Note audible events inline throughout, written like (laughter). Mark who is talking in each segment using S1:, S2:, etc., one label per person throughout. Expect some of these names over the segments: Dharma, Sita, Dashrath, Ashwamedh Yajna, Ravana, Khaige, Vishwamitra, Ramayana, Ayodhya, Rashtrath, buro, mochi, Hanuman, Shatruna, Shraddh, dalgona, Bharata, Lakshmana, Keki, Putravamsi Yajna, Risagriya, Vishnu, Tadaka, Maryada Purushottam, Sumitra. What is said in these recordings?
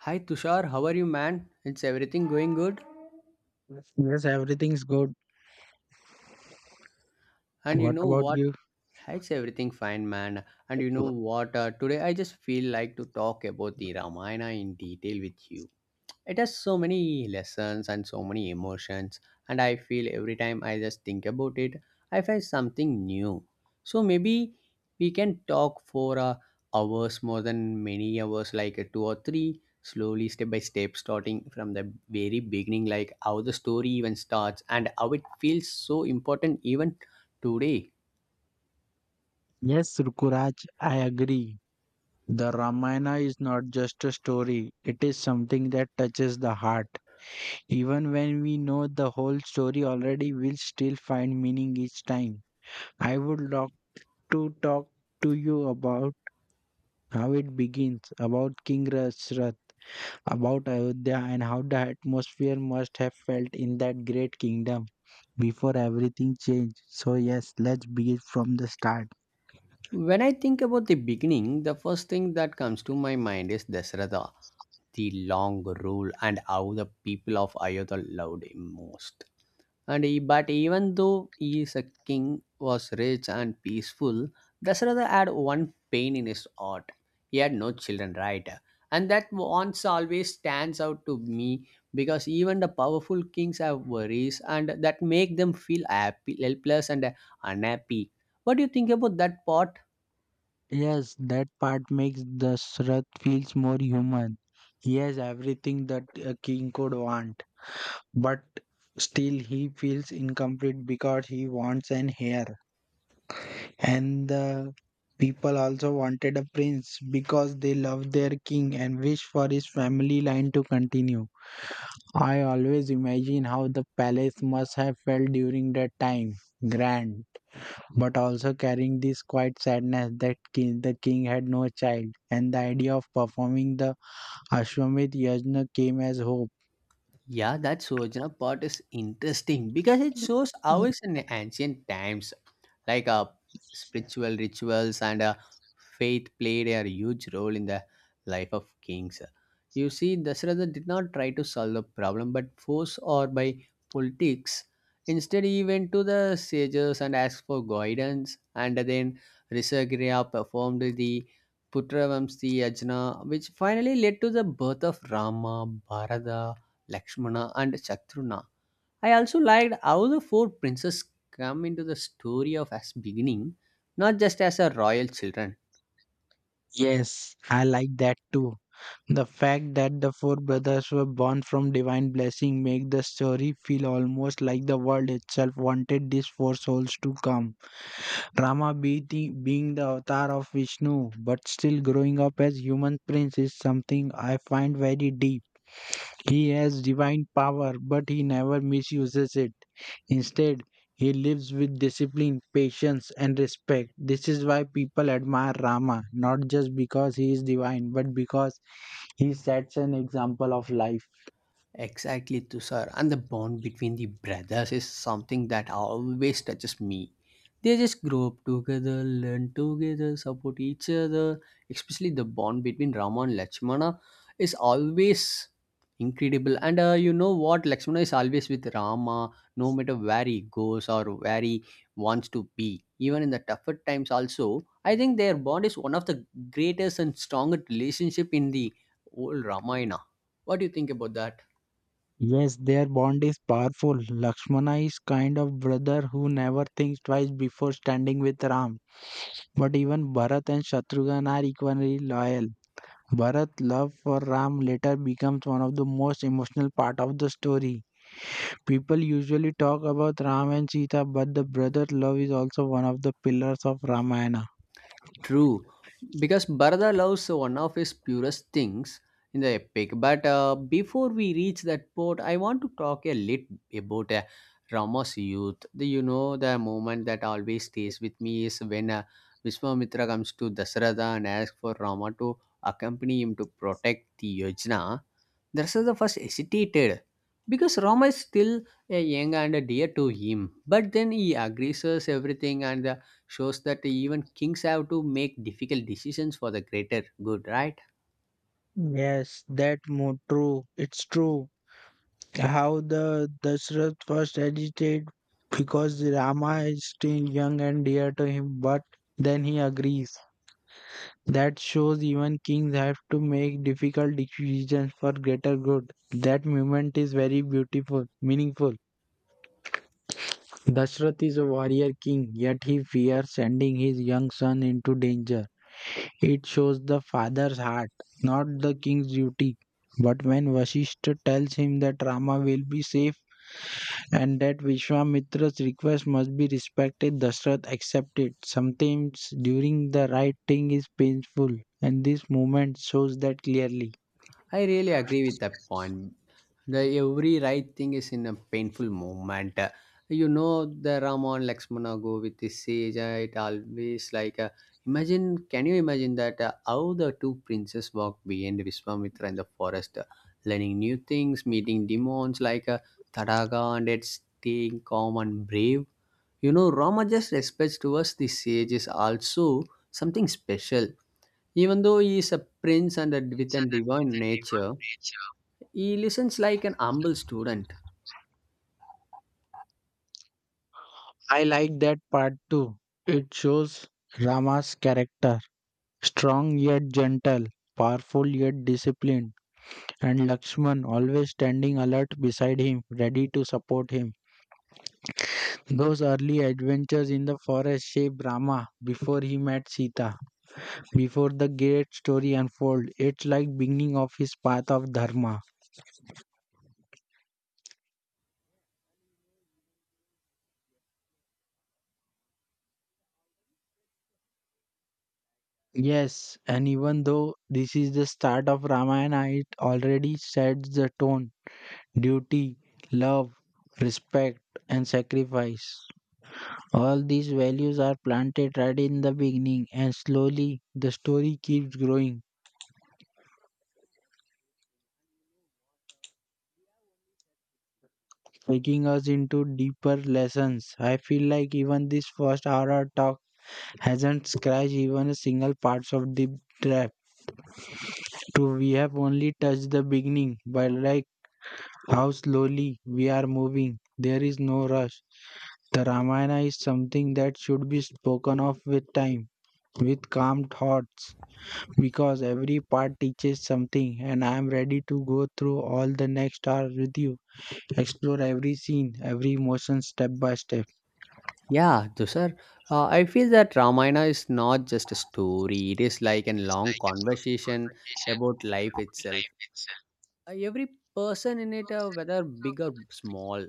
S1: Hi Tushar, how are you, man? It's everything going good?
S2: Yes, everything's good.
S1: And you
S2: What
S1: know
S2: about
S1: what?
S2: you?
S1: It's everything fine, man. And you know what? Today I just feel like to talk about the Ramayana in detail with you. It has so many lessons and so many emotions, and I feel every time I just think about it, I find something new. So maybe we can talk for hours, more than many hours, like two or three, slowly, step by step, starting from the very beginning, like how the story even starts and how it feels so important even today.
S2: Yes, Rukuraj, I agree. The Ramayana is not just a story, it is something that touches the heart. Even when we know the whole story already, we'll still find meaning each time. I would love to talk to you about how it begins, about King Rashtrath, about Ayodhya, and how the atmosphere must have felt in that great kingdom before everything changed. So, yes, let's begin from the start.
S1: When I think about the beginning, the first thing that comes to my mind is Dasrata, the long rule and how the people of Ayodhya loved him most. And he, but even though he is a king, was rich and peaceful, Dasharatha had one pain in his heart. He had no children, right? And that once always stands out to me because even the powerful kings have worries and that make them feel happy, helpless and unhappy. What do you think about that part?
S2: Yes, that part makes the Shraddh feels more human. He has everything that a king could want, but still he feels incomplete because he wants an heir. And the people also wanted a prince because they love their king and wish for his family line to continue. I always imagine how the palace must have felt during that time. Grand but also carrying this quiet sadness that the king had no child, and the idea of performing the Ashwamedh Yajna came as hope.
S1: Yeah, that Sojana part is interesting because it shows how
S2: Mm.
S1: it's in ancient times, like spiritual rituals and faith played a huge role in the life of kings. You see, Dasratha did not try to solve the problem but force or by politics. Instead, he went to the sages and asked for guidance, and then Risagriya performed the Putravamsi Yajna, which finally led to the birth of Rama, Bharata, Lakshmana and Shatruna. I also liked how the four princes come into the story of as beginning, not just as a royal children.
S2: Yes, I like that too. The fact that the four brothers were born from divine blessing make the story feel almost like the world itself wanted these four souls to come. Being the avatar of Vishnu but still growing up as human prince is something I find very deep. He has divine power, but he never misuses it. Instead, he lives with discipline, patience, and respect. This is why people admire Rama, not just because he is divine, but because he sets an example of life.
S1: Exactly, Tushar. And the bond between the brothers is something that always touches me. They just grow up together, learn together, support each other. Especially the bond between Rama and Lakshmana is always incredible. And you know what? Lakshmana is always with Rama, no matter where he goes or where he wants to be. Even in the tougher times, also, I think their bond is one of the greatest and strongest relationship in the whole Ramayana. What do you think about that?
S2: Yes, their bond is powerful. Lakshmana is kind of brother who never thinks twice before standing with Ram. But even Bharat and Shatrughan are equally loyal. Bharat's love for Ram later becomes one of the most emotional part of the story. People usually talk about Ram and Sita, but the brother love is also one of the pillars of Ramayana.
S1: True, because Bharata loves one of his purest things in the epic. But before we reach that port, I want to talk a little about Rama's youth. The moment that always stays with me is when Vishwamitra comes to Dasratha and asks for Rama to accompany him to protect the Yojana. Dasratha first hesitated because Rama is still a young and dear to him. But then he agrees everything and shows that even kings have to make difficult decisions for the greater good, right?
S2: Yes, that mo True. It's true. How the Dashrath first agitated because Rama is still young and dear to him, but then he agrees. That shows even kings have to make difficult decisions for greater good. That moment is very beautiful, meaningful. Dashrath is a warrior king, yet he fears sending his young son into danger. It shows the father's heart, not the king's duty. But when Vasishtha tells him that Rama will be safe and that Vishwamitra's request must be respected, Dashrath accepts it. Sometimes during the right thing is painful, and this moment shows that clearly.
S1: I really agree with that point. The every right thing is in a painful moment. You know the Raman Lakshmana go with his sage. It always like imagine. Can you imagine that how the two princes walk behind Viswamitra in the forest, learning new things, meeting demons like Tadaga and its staying calm and brave. You know, Ramaja's respect towards the sage is also something special. Even though he is a prince and a, with a divine nature, he listens like an humble student.
S2: I like that part too. It shows Rama's character. Strong yet gentle, powerful yet disciplined, and Lakshman always standing alert beside him, ready to support him. Those early adventures in the forest shaped Rama before he met Sita. Before the great story unfolds, it's like beginning of his path of Dharma. Yes, and even though this is the start of Ramayana, it already sets the tone. Duty, love, respect, and sacrifice. All these values are planted right in the beginning, and slowly the story keeps growing, taking us into deeper lessons. I feel like even this first hour of talk hasn't scratched even a single parts of the trap. True, we have only touched the beginning, but like how slowly we are moving, there is no rush. The Ramayana is something that should be spoken of with time, with calm thoughts, because every part teaches something, and I am ready to go through all the next hour with you, explore every scene, every emotion step by step.
S1: Yeah, Dusar, I feel that Ramayana is not just a story, it is like a long conversation about life itself. Every person in it, whether big or small,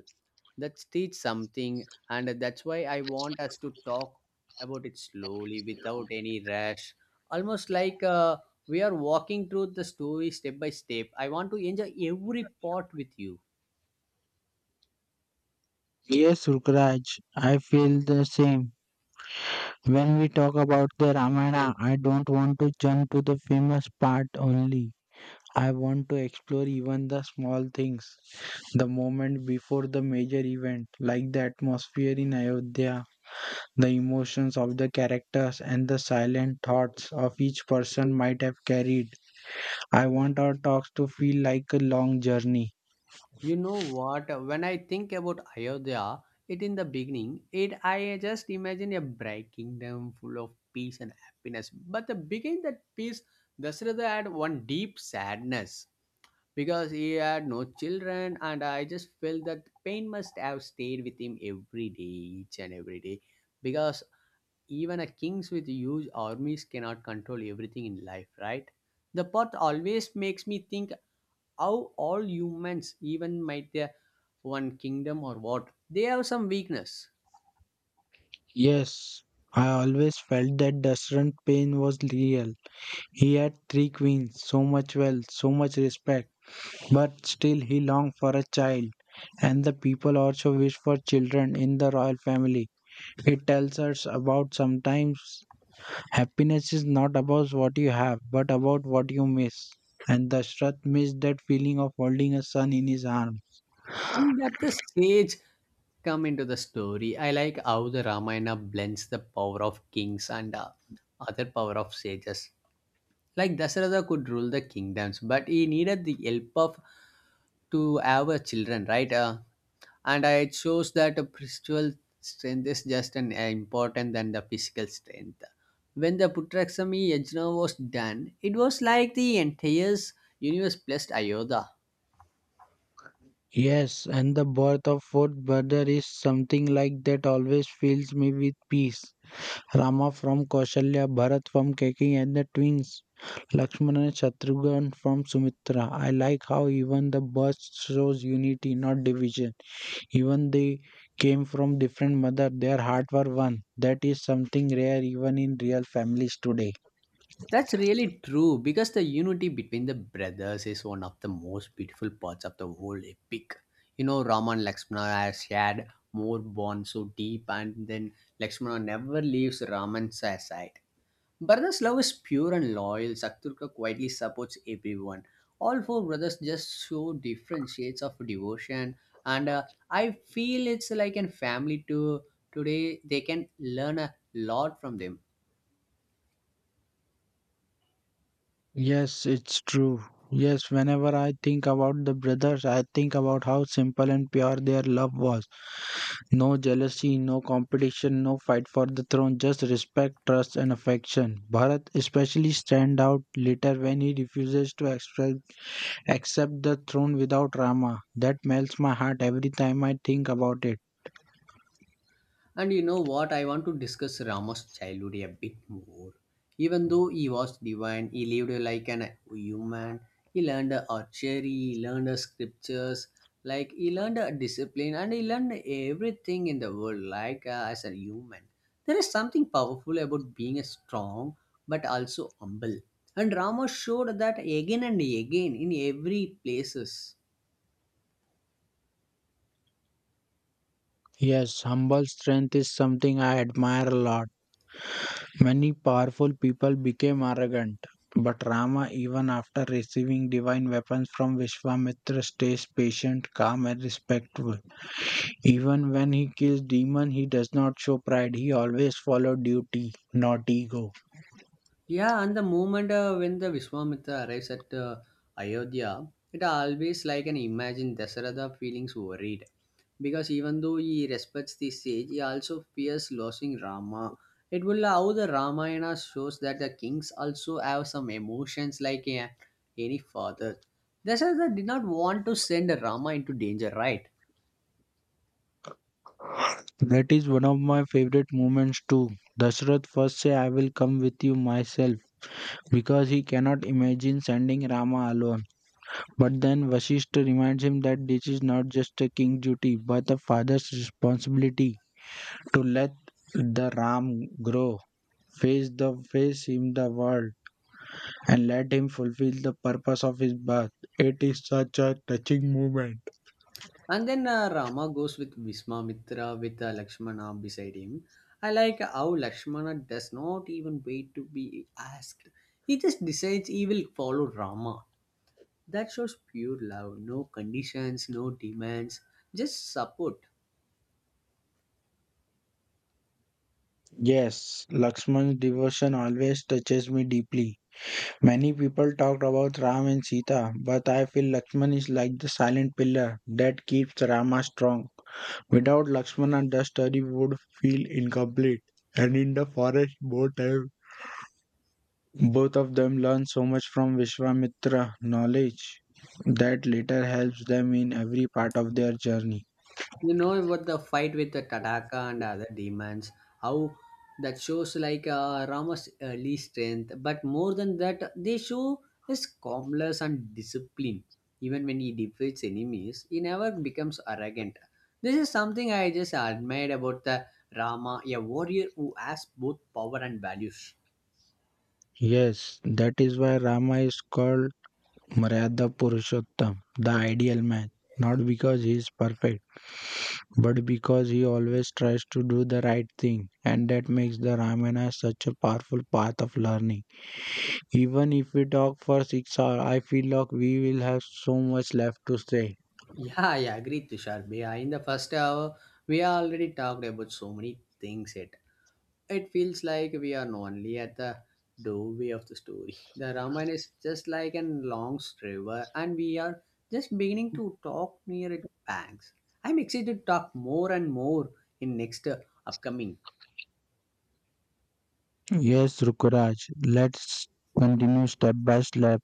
S1: that teach something, and that's why I want us to talk about it slowly without any rush, almost like we are walking through the story step by step. I want to enjoy every part with you.
S2: Yes, Rukraj, I feel the same. When we talk about the Ramayana, I don't want to jump to the famous part only. I want to explore even the small things, the moment before the major event, like the atmosphere in Ayodhya, the emotions of the characters, and the silent thoughts of each person might have carried. I want our talks to feel like a long journey.
S1: You know what, when I think about Ayodhya, it in the beginning, it I just imagine a bright kingdom full of peace and happiness. But the beginning that peace, Dasharatha had one deep sadness, because he had no children, and I just felt that pain must have stayed with him every day, each and every day, because even a kings with huge armies cannot control everything in life, right? The part always makes me think how all humans even might their one kingdom or what they have some weakness.
S2: Yes, I always felt that Dusran's pain was real. He had three queens, so much wealth, so much respect, but still he longed for a child. And the people also wish for children in the royal family. It tells us about sometimes happiness is not about what you have, but about what you miss. And Dashrath missed that feeling of holding a son in his arms.
S1: And at the sage come into the story, I like how the Ramayana blends the power of kings and other power of sages, like Dasharatha could rule the kingdoms, but he needed the help of to have a children, right? It shows that a spiritual strength is just an important than the physical strength. When the Putraksami Yajna was done, it was like the entire universe blessed Ayodhya.
S2: Yes, and the birth of fourth brother is something like that always fills me with peace. Rama from Kausalya, Bharat from Keki, and the twins Lakshmana and Shatrughan from Sumitra. I like how even the birth shows unity, not division. Even they came from different mother, their heart were one. That is something rare even in real families today.
S1: That's really true, because the unity between the brothers is one of the most beautiful parts of the whole epic. You know, Rama and Lakshmana has shared more bonds so deep, and then Lakshmana never leaves Raman's side. Brothers' love is pure and loyal. Satyruka quietly supports everyone. All four brothers just show different shades of devotion, and I feel it's like a family to today. They can learn a lot from them.
S2: Yes, it's true. Yes, whenever I think about the brothers, I think about how simple and pure their love was. No jealousy, no competition, no fight for the throne, just respect, trust, and affection. Bharat especially stand out later when he refuses to express, accept the throne without Rama. That melts my heart every time I think about it.
S1: And you know what? I want to discuss Rama's childhood a bit more. Even though he was divine, he lived like an human. He learned archery, he learned scriptures, like he learned discipline, and he learned everything in the world, like as a human. There is something powerful about being a strong but also humble. And Rama showed that again and again in every places.
S2: Yes, humble strength is something I admire a lot. Many powerful people became arrogant, but Rama, even after receiving divine weapons from Vishwamitra, stays patient, calm, and respectful. Even when he kills demon, he does not show pride. He always follow duty, not ego.
S1: Yeah, and the moment when the Vishwamitra arrives at Ayodhya, it always like an imagine Dasharatha feelings worried. Because even though he respects the sage, he also fears losing Rama. It will how the Ramayana shows that the kings also have some emotions like any father. Dasharatha did not want to send Rama into danger, right?
S2: That is one of my favorite moments too. Dashrath first say I will come with you myself because he cannot imagine sending Rama alone. But then Vasishtha reminds him that this is not just a king duty but a father's responsibility to let the Ram grow, face the face him the world and let him fulfill the purpose of his birth. It is such a touching moment.
S1: And then Rama goes with Vismamitra with Lakshmana beside him. I like how Lakshmana does not even wait to be asked. He just decides he will follow Rama. That shows pure love, no conditions, no demands, just support.
S2: Yes, Lakshman's devotion always touches me deeply. Many people talk about Ram and Sita, but I feel Lakshman is like the silent pillar that keeps Rama strong. Without Lakshmana, the story would feel incomplete. And in the forest, both of them learn so much from Vishwamitra knowledge that later helps them in every part of their journey.
S1: You know about the fight with the Tataka and other demons, how that shows like Rama's early strength, but more than that, they show his calmness and discipline. Even when he defeats enemies, he never becomes arrogant. This is something I just admired about the Rama, a warrior who has both power and values.
S2: Yes, that is why Rama is called Maryada Purushottam, the ideal man, not because he is perfect, but because he always tries to do the right thing, and that makes the Ramayana such a powerful path of learning. Even if we talk for 6 hours, I feel like we will have so much left to say.
S1: Yeah, I agree, Tushar Bhaiya. In the first hour, we already talked about so many things. It feels like we are only at the doorway of the story. (laughs) The Ramayana is just like a long river, and we are just beginning to talk near its banks. I'm excited to talk more and more in next upcoming.
S2: Yes, Rukuraj, let's continue step by step,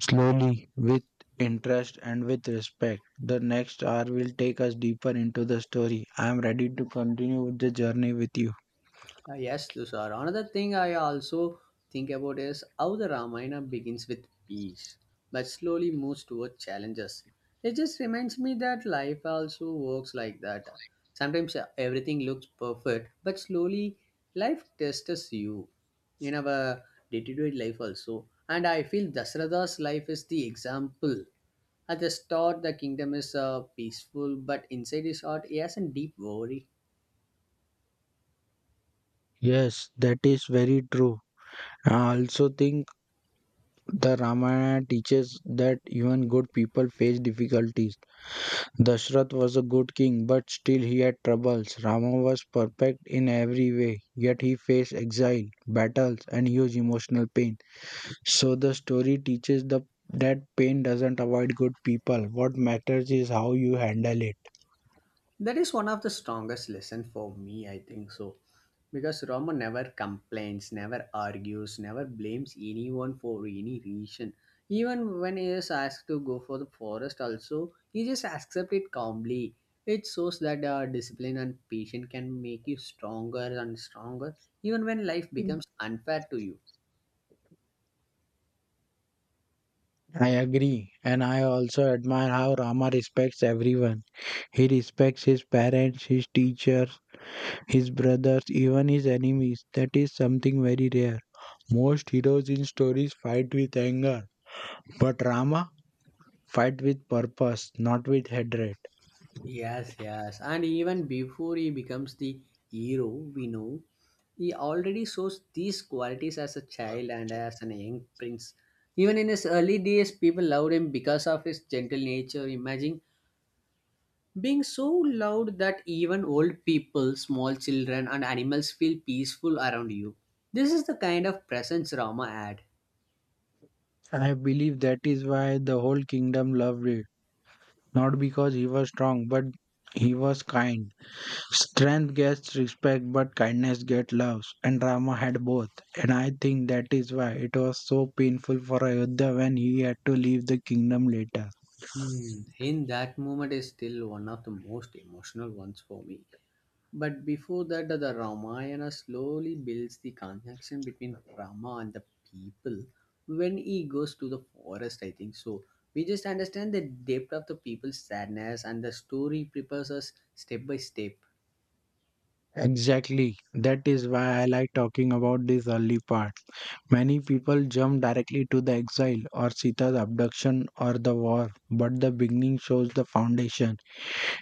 S2: slowly, with interest and with respect. The next hour will take us deeper into the story. I am ready to continue with the journey with you.
S1: Yes, Tushar. Another thing I also think about is how the Ramayana begins with peace, but slowly moves toward challenges. It just reminds me that life also works like that. Sometimes everything looks perfect, but slowly life tests you in our day-to-day life also. And I feel Dasrata's life is the example. At the start, the kingdom is peaceful, but inside his heart, he has a deep worry.
S2: Yes, that is very true. I also think the Ramayana teaches that even good people face difficulties. Dashrath was a good king, but still he had troubles. Rama was perfect in every way, yet he faced exile, battles, and huge emotional pain. So the story teaches the that pain doesn't avoid good people. What matters is how you handle it.
S1: That is one of the strongest lesson for me, I think so. Because Rama never complains, never argues, never blames anyone for any reason. Even when he is asked to go for the forest also, he just accepts it calmly. It shows that discipline and patience can make you stronger and stronger, even when life becomes unfair to you.
S2: I agree, and I also admire how Rama respects everyone. He respects his parents, his teachers, his brothers, even his enemies. That is something very rare. Most heroes in stories fight with anger, but Rama fight with purpose, not with hatred.
S1: Yes, yes. And even before he becomes the hero, we know he already shows these qualities as a child and as an young prince. Even in his early days, people loved him because of his gentle nature. Imagine being so loved that even old people, small children, and animals feel peaceful around you. This is the kind of presence Rama had.
S2: I believe that is why the whole kingdom loved it. Not because he was strong, but he was kind. Strength gets respect, but kindness gets love. And Rama had both. And I think that is why it was so painful for Ayodhya when he had to leave the kingdom later.
S1: Hmm, in that moment is still one of the most emotional ones for me. But before that, the Ramayana slowly builds the connection between Rama and the people when he goes to the forest, I think. So we just understand the depth of the people's sadness and the story prepares us step by step.
S2: Exactly. That is why I like talking about this early part. Many people jump directly to the exile or Sita's abduction or the war, but the beginning shows the foundation.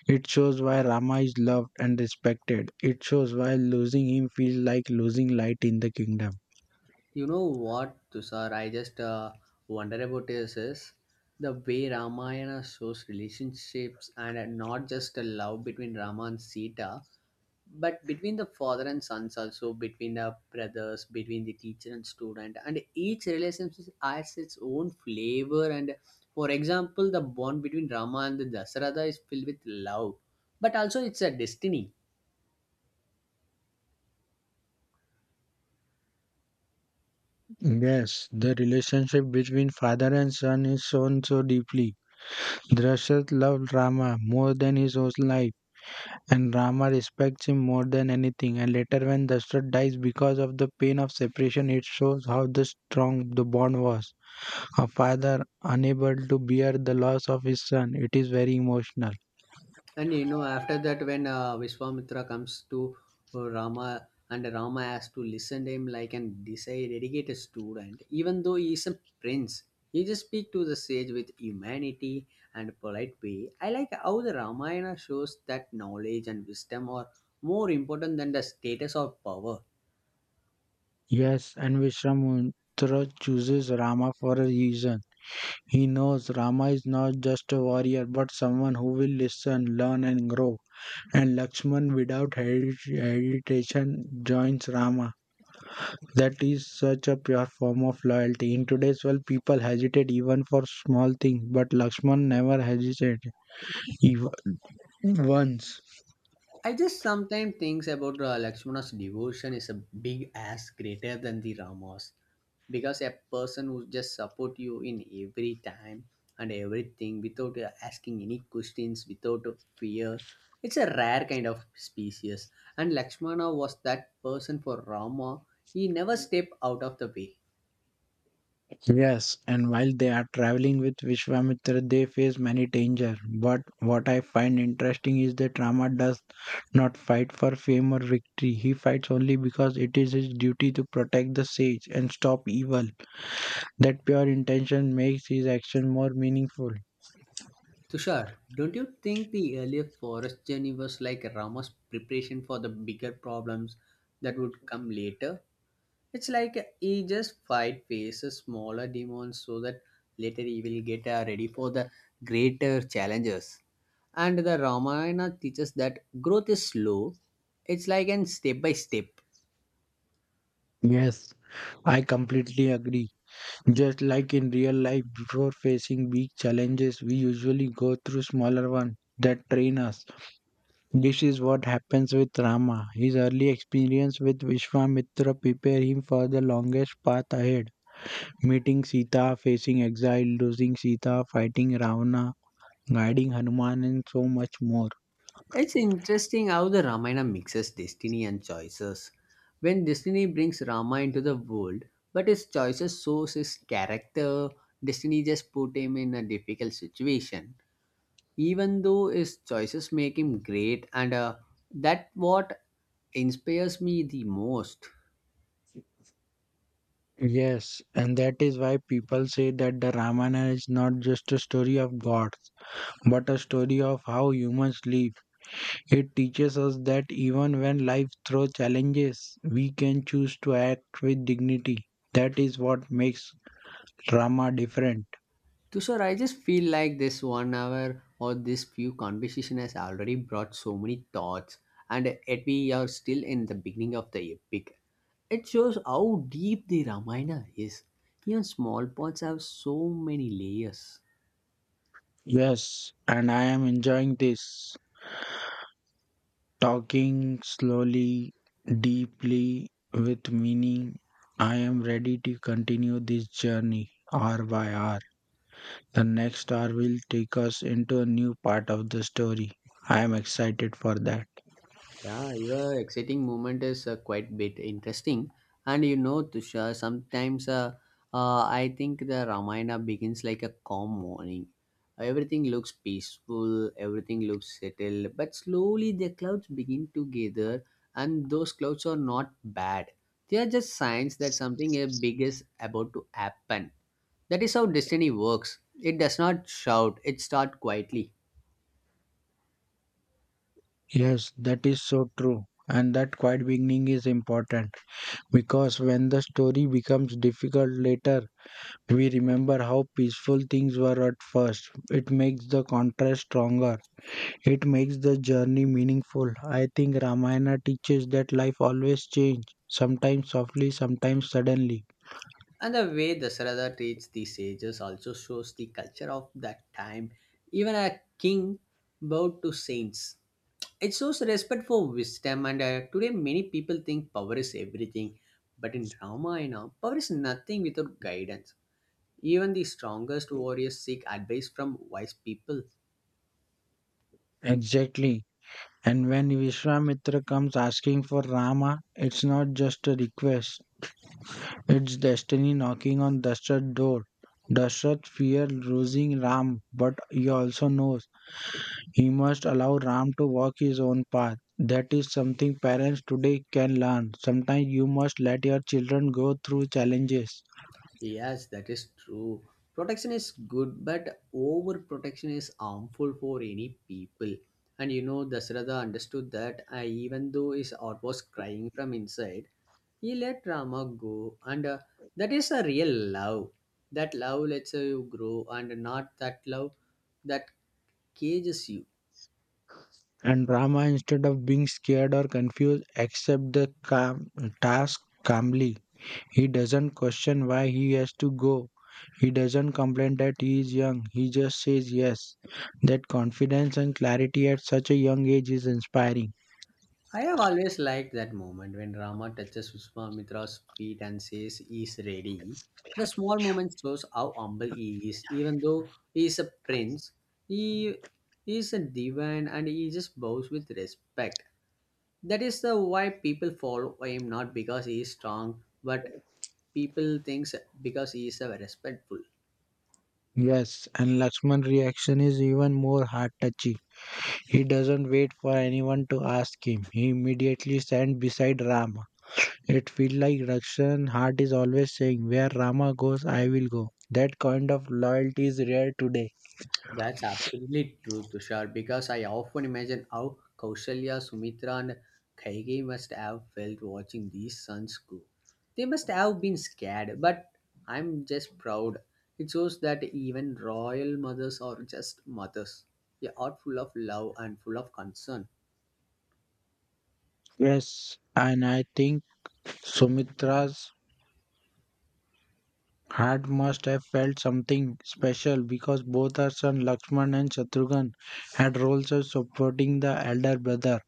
S2: It shows why Rama is loved and respected. It shows why losing him feels like losing light in the kingdom.
S1: You know what, Tushar, I just wonder about this: is the way Ramayana shows relationships and not just a love between Rama and Sita, but between the father and sons, also between the brothers, between the teacher and student, and each relationship has its own flavor. And for example, the bond between Rama and the Dasarada is filled with love, but also it's a destiny.
S2: Yes, the relationship between father and son is shown so deeply. Drashad loved Rama more than his own life. And Rama respects him more than anything. And later, when Dashrath dies because of the pain of separation, it shows how the strong the bond was. A father unable to bear the loss of his son. It is very emotional.
S1: And you know, after that, when Vishwamitra comes to Rama, and Rama has to listen to him like and decide, dedicate a student, even though he is a prince, he just speak to the sage with humanity and polite way. I like how the Ramayana shows that knowledge and wisdom are more important than the status or power.
S2: Yes, and Vishwamutra chooses Rama for a reason. He knows Rama is not just a warrior but someone who will listen, learn, and grow. And Lakshman, without hesitation, joins Rama. That is such a pure form of loyalty. In today's world, people hesitate even for small things, but Lakshman never hesitated. Even once.
S1: I just sometimes thinks about Lakshmana's devotion is a big ass greater than the Rama's, because a person who just support you in every time and everything without asking any questions, without fear. It's a rare kind of species, and Lakshmana was that person for Rama. He never stepped out of the way.
S2: Yes, and while they are traveling with Vishwamitra, they face many danger. But what I find interesting is that Rama does not fight for fame or victory. He fights only because it is his duty to protect the sage and stop evil. That pure intention makes his action more meaningful.
S1: Tushar, don't you think the earlier forest journey was like Rama's preparation for the bigger problems that would come later? It's like he just fight faces smaller demons, so that later he will get ready for the greater challenges. And the Ramayana teaches that growth is slow. It's like an step by step.
S2: Yes, I completely agree. Just like in real life, before facing big challenges, we usually go through smaller ones that train us. This is what happens with Rama. His early experience with Vishwamitra prepared him for the longest path ahead. Meeting Sita, facing exile, losing Sita, fighting Ravana, guiding Hanuman, and so much more.
S1: It's interesting how the Ramayana mixes destiny and choices. When destiny brings Rama into the world, but his choices shows his character, destiny just put him in a difficult situation, even though his choices make him great, and that what inspires me the most.
S2: Yes, and that is why people say that the Ramayana is not just a story of gods, but a story of how humans live. It teaches us that even when life throws challenges, we can choose to act with dignity. That is what makes drama different.
S1: Tushar, I just feel like this 1 hour or this few conversation has already brought so many thoughts, and yet we are still in the beginning of the epic. It shows how deep the Ramayana is. Even small parts have so many layers.
S2: Yes, and I am enjoying this. Talking slowly, deeply, with meaning. I am ready to continue this journey hour by hour. The next hour will take us into a new part of the story. I am excited for that.
S1: Yeah, your exciting moment is quite bit interesting, and you know, Tushar, sometimes I think the Ramayana begins like a calm morning. Everything looks peaceful, everything looks settled, but slowly the clouds begin to gather, and those clouds are not bad. They are just signs that something big is about to happen. That is how destiny works. It does not shout; it starts quietly.
S2: Yes, that is so true. And that quiet beginning is important. Because when the story becomes difficult later, we remember how peaceful things were at first. It makes the contrast stronger. It makes the journey meaningful. I think Ramayana teaches that life always changes, sometimes softly, sometimes suddenly.
S1: And the way Dasarada treats the sages also shows the culture of that time. Even a king bowed to saints. It shows respect for wisdom, and today many people think power is everything. But in Ramayana, power is nothing without guidance. Even the strongest warriors seek advice from wise people.
S2: Exactly. And when Vishwamitra comes asking for Rama, it's not just a request, it's destiny knocking on Dashrath's door. Dashrath fears losing Ram, but he also knows he must allow Ram to walk his own path. That is something parents today can learn. Sometimes you must let your children go through challenges
S1: Yes, that is true. Protection is good, but overprotection is harmful for any people. And you know, Dasratha understood that even though his heart was crying from inside, he let Rama go. And that is a real love. That love lets you grow, and not that love that cages you.
S2: and drama instead of being scared or confused. Accept the calm, task calmly. He doesn't question why he has to go. He doesn't complain that he is young. He just says yes. That confidence and clarity at such a young age is inspiring.
S1: I have always liked that moment when Rama touches Vishwamitra's feet and says he "Is ready." The small moment shows how humble he is, even though he is a prince. He is a divine, and he just bows with respect. That is the why people follow him, not because he is strong, but people thinks because he is respectful.
S2: Yes, and Lakshman's reaction is even more heart touching. He doesn't wait for anyone to ask him. He immediately stands beside Rama. It feels like Rakshan's heart is always saying, Where Rama goes, I will go. That kind of loyalty is rare today.
S1: That's absolutely true, Tushar, because I often imagine how Kausalya, Sumitra, and Khaige must have felt watching these sons grow. They must have been scared, but I'm just proud. It shows that even royal mothers are just mothers. They are full of love and full of concern.
S2: Yes, and I think Sumitra's heart must have felt something special because both her son Lakshman and Shatrughan had roles of supporting the elder brother.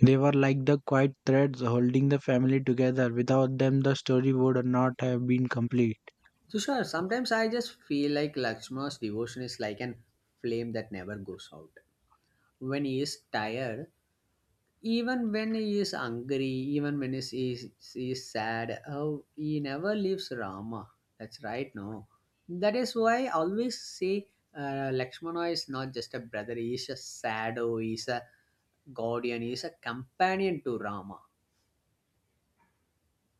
S2: They were like the quiet threads holding the family together. Without them, the story would not have been complete.
S1: Tushar, sometimes I just feel like Lakshmana's devotion is like an flame that never goes out. When he is tired, even when he is angry, even when he is sad, oh, he never leaves Rama. That's right. No, that is why I always say, Lakshmana is not just a brother, he is a shadow, he is a guardian, he is a companion to Rama.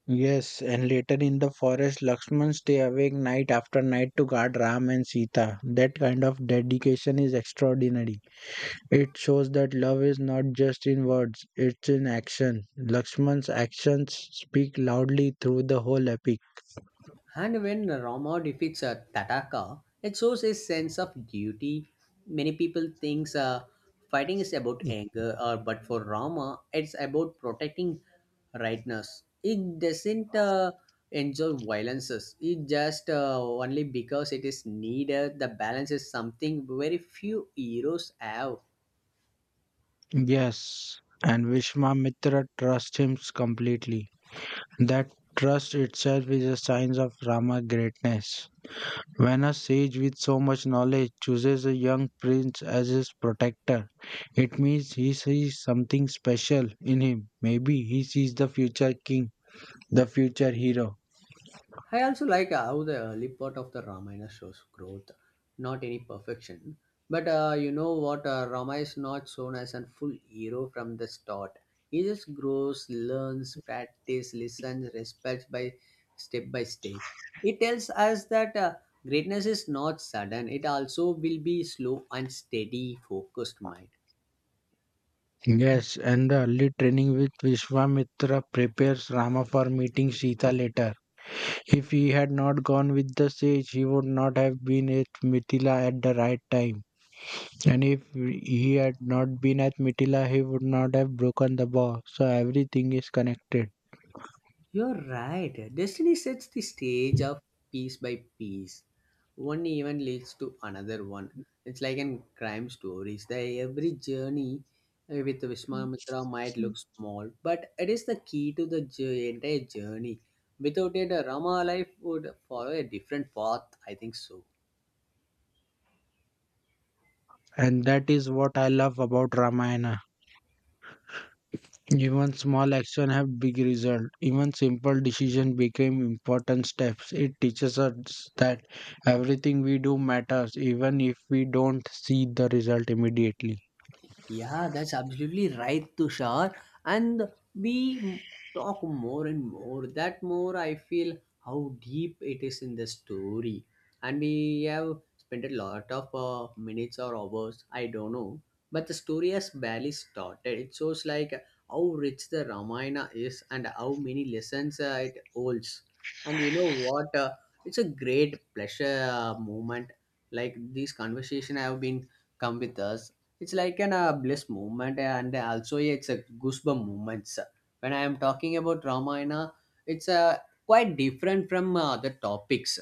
S2: Yes, and later in the forest, Lakshman stay awake night after night to guard Ram and Sita. That kind of dedication is extraordinary. It shows that love is not just in words, it's in action. Lakshman's actions speak loudly through the whole epic.
S1: And when Rama defeats Tataka, it shows his sense of duty. Many people think fighting is about anger, or but for Rama, it's about protecting rightness. He doesn't enjoy violences. He just only because it is needed. The balance is something very few heroes have.
S2: Yes, and Vishwamitra trusts him completely. That trust itself is a sign of Rama's greatness. When a sage with so much knowledge chooses a young prince as his protector, it means he sees something special in him. Maybe he sees the future king, the future hero.
S1: I also like how the early part of the Ramayana shows growth, not any perfection. But you know what? Rama is not shown as a full hero from the start. He just grows, learns, practices, listens, respects by step by step. It tells us that greatness is not sudden. It also will be slow and steady, focused mind.
S2: Yes, and the early training with Vishwamitra prepares Rama for meeting Sita later. If he had not gone with the sage, he would not have been at Mithila at the right time. And if he had not been at Mithila, he would not have broken the bow. So everything is connected.
S1: You're right. Destiny sets the stage of piece by piece. One event leads to another one. It's like in crime stories. The every journey with Vishwamitra might look small, but it is the key to entire journey. Without it, a Rama life would follow a different path. I think so.
S2: And that is what I love about Ramayana. Even small action have big result. Even simple decision became important steps. It teaches us that everything we do matters, even if we don't see the result immediately.
S1: Yeah, that's absolutely right, Tushar. And we m- talk more and more. That more I feel how deep it is in the story. And we have spent a lot of minutes or hours, I don't know. But the story has barely started. It shows like how rich the Ramayana is and how many lessons it holds. And you know what? It's a great pleasure moment. Like these conversation have been come with us. It's like an bliss moment, and also it's a goosebump moments when I am talking about Ramayana. It's quite different from other topics.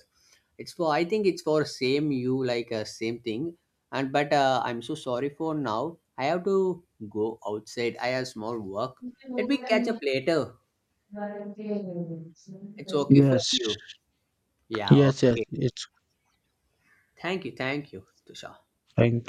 S1: It's for, I think it's for same, you like same thing. And but I'm so sorry, for now I have to go outside, I have small work. Let me catch up later. It's okay for
S2: Yes,
S1: you? Yeah,
S2: yes, yes.
S1: okay.
S2: It's
S1: Thank you, thank you, Tusha.
S2: fine.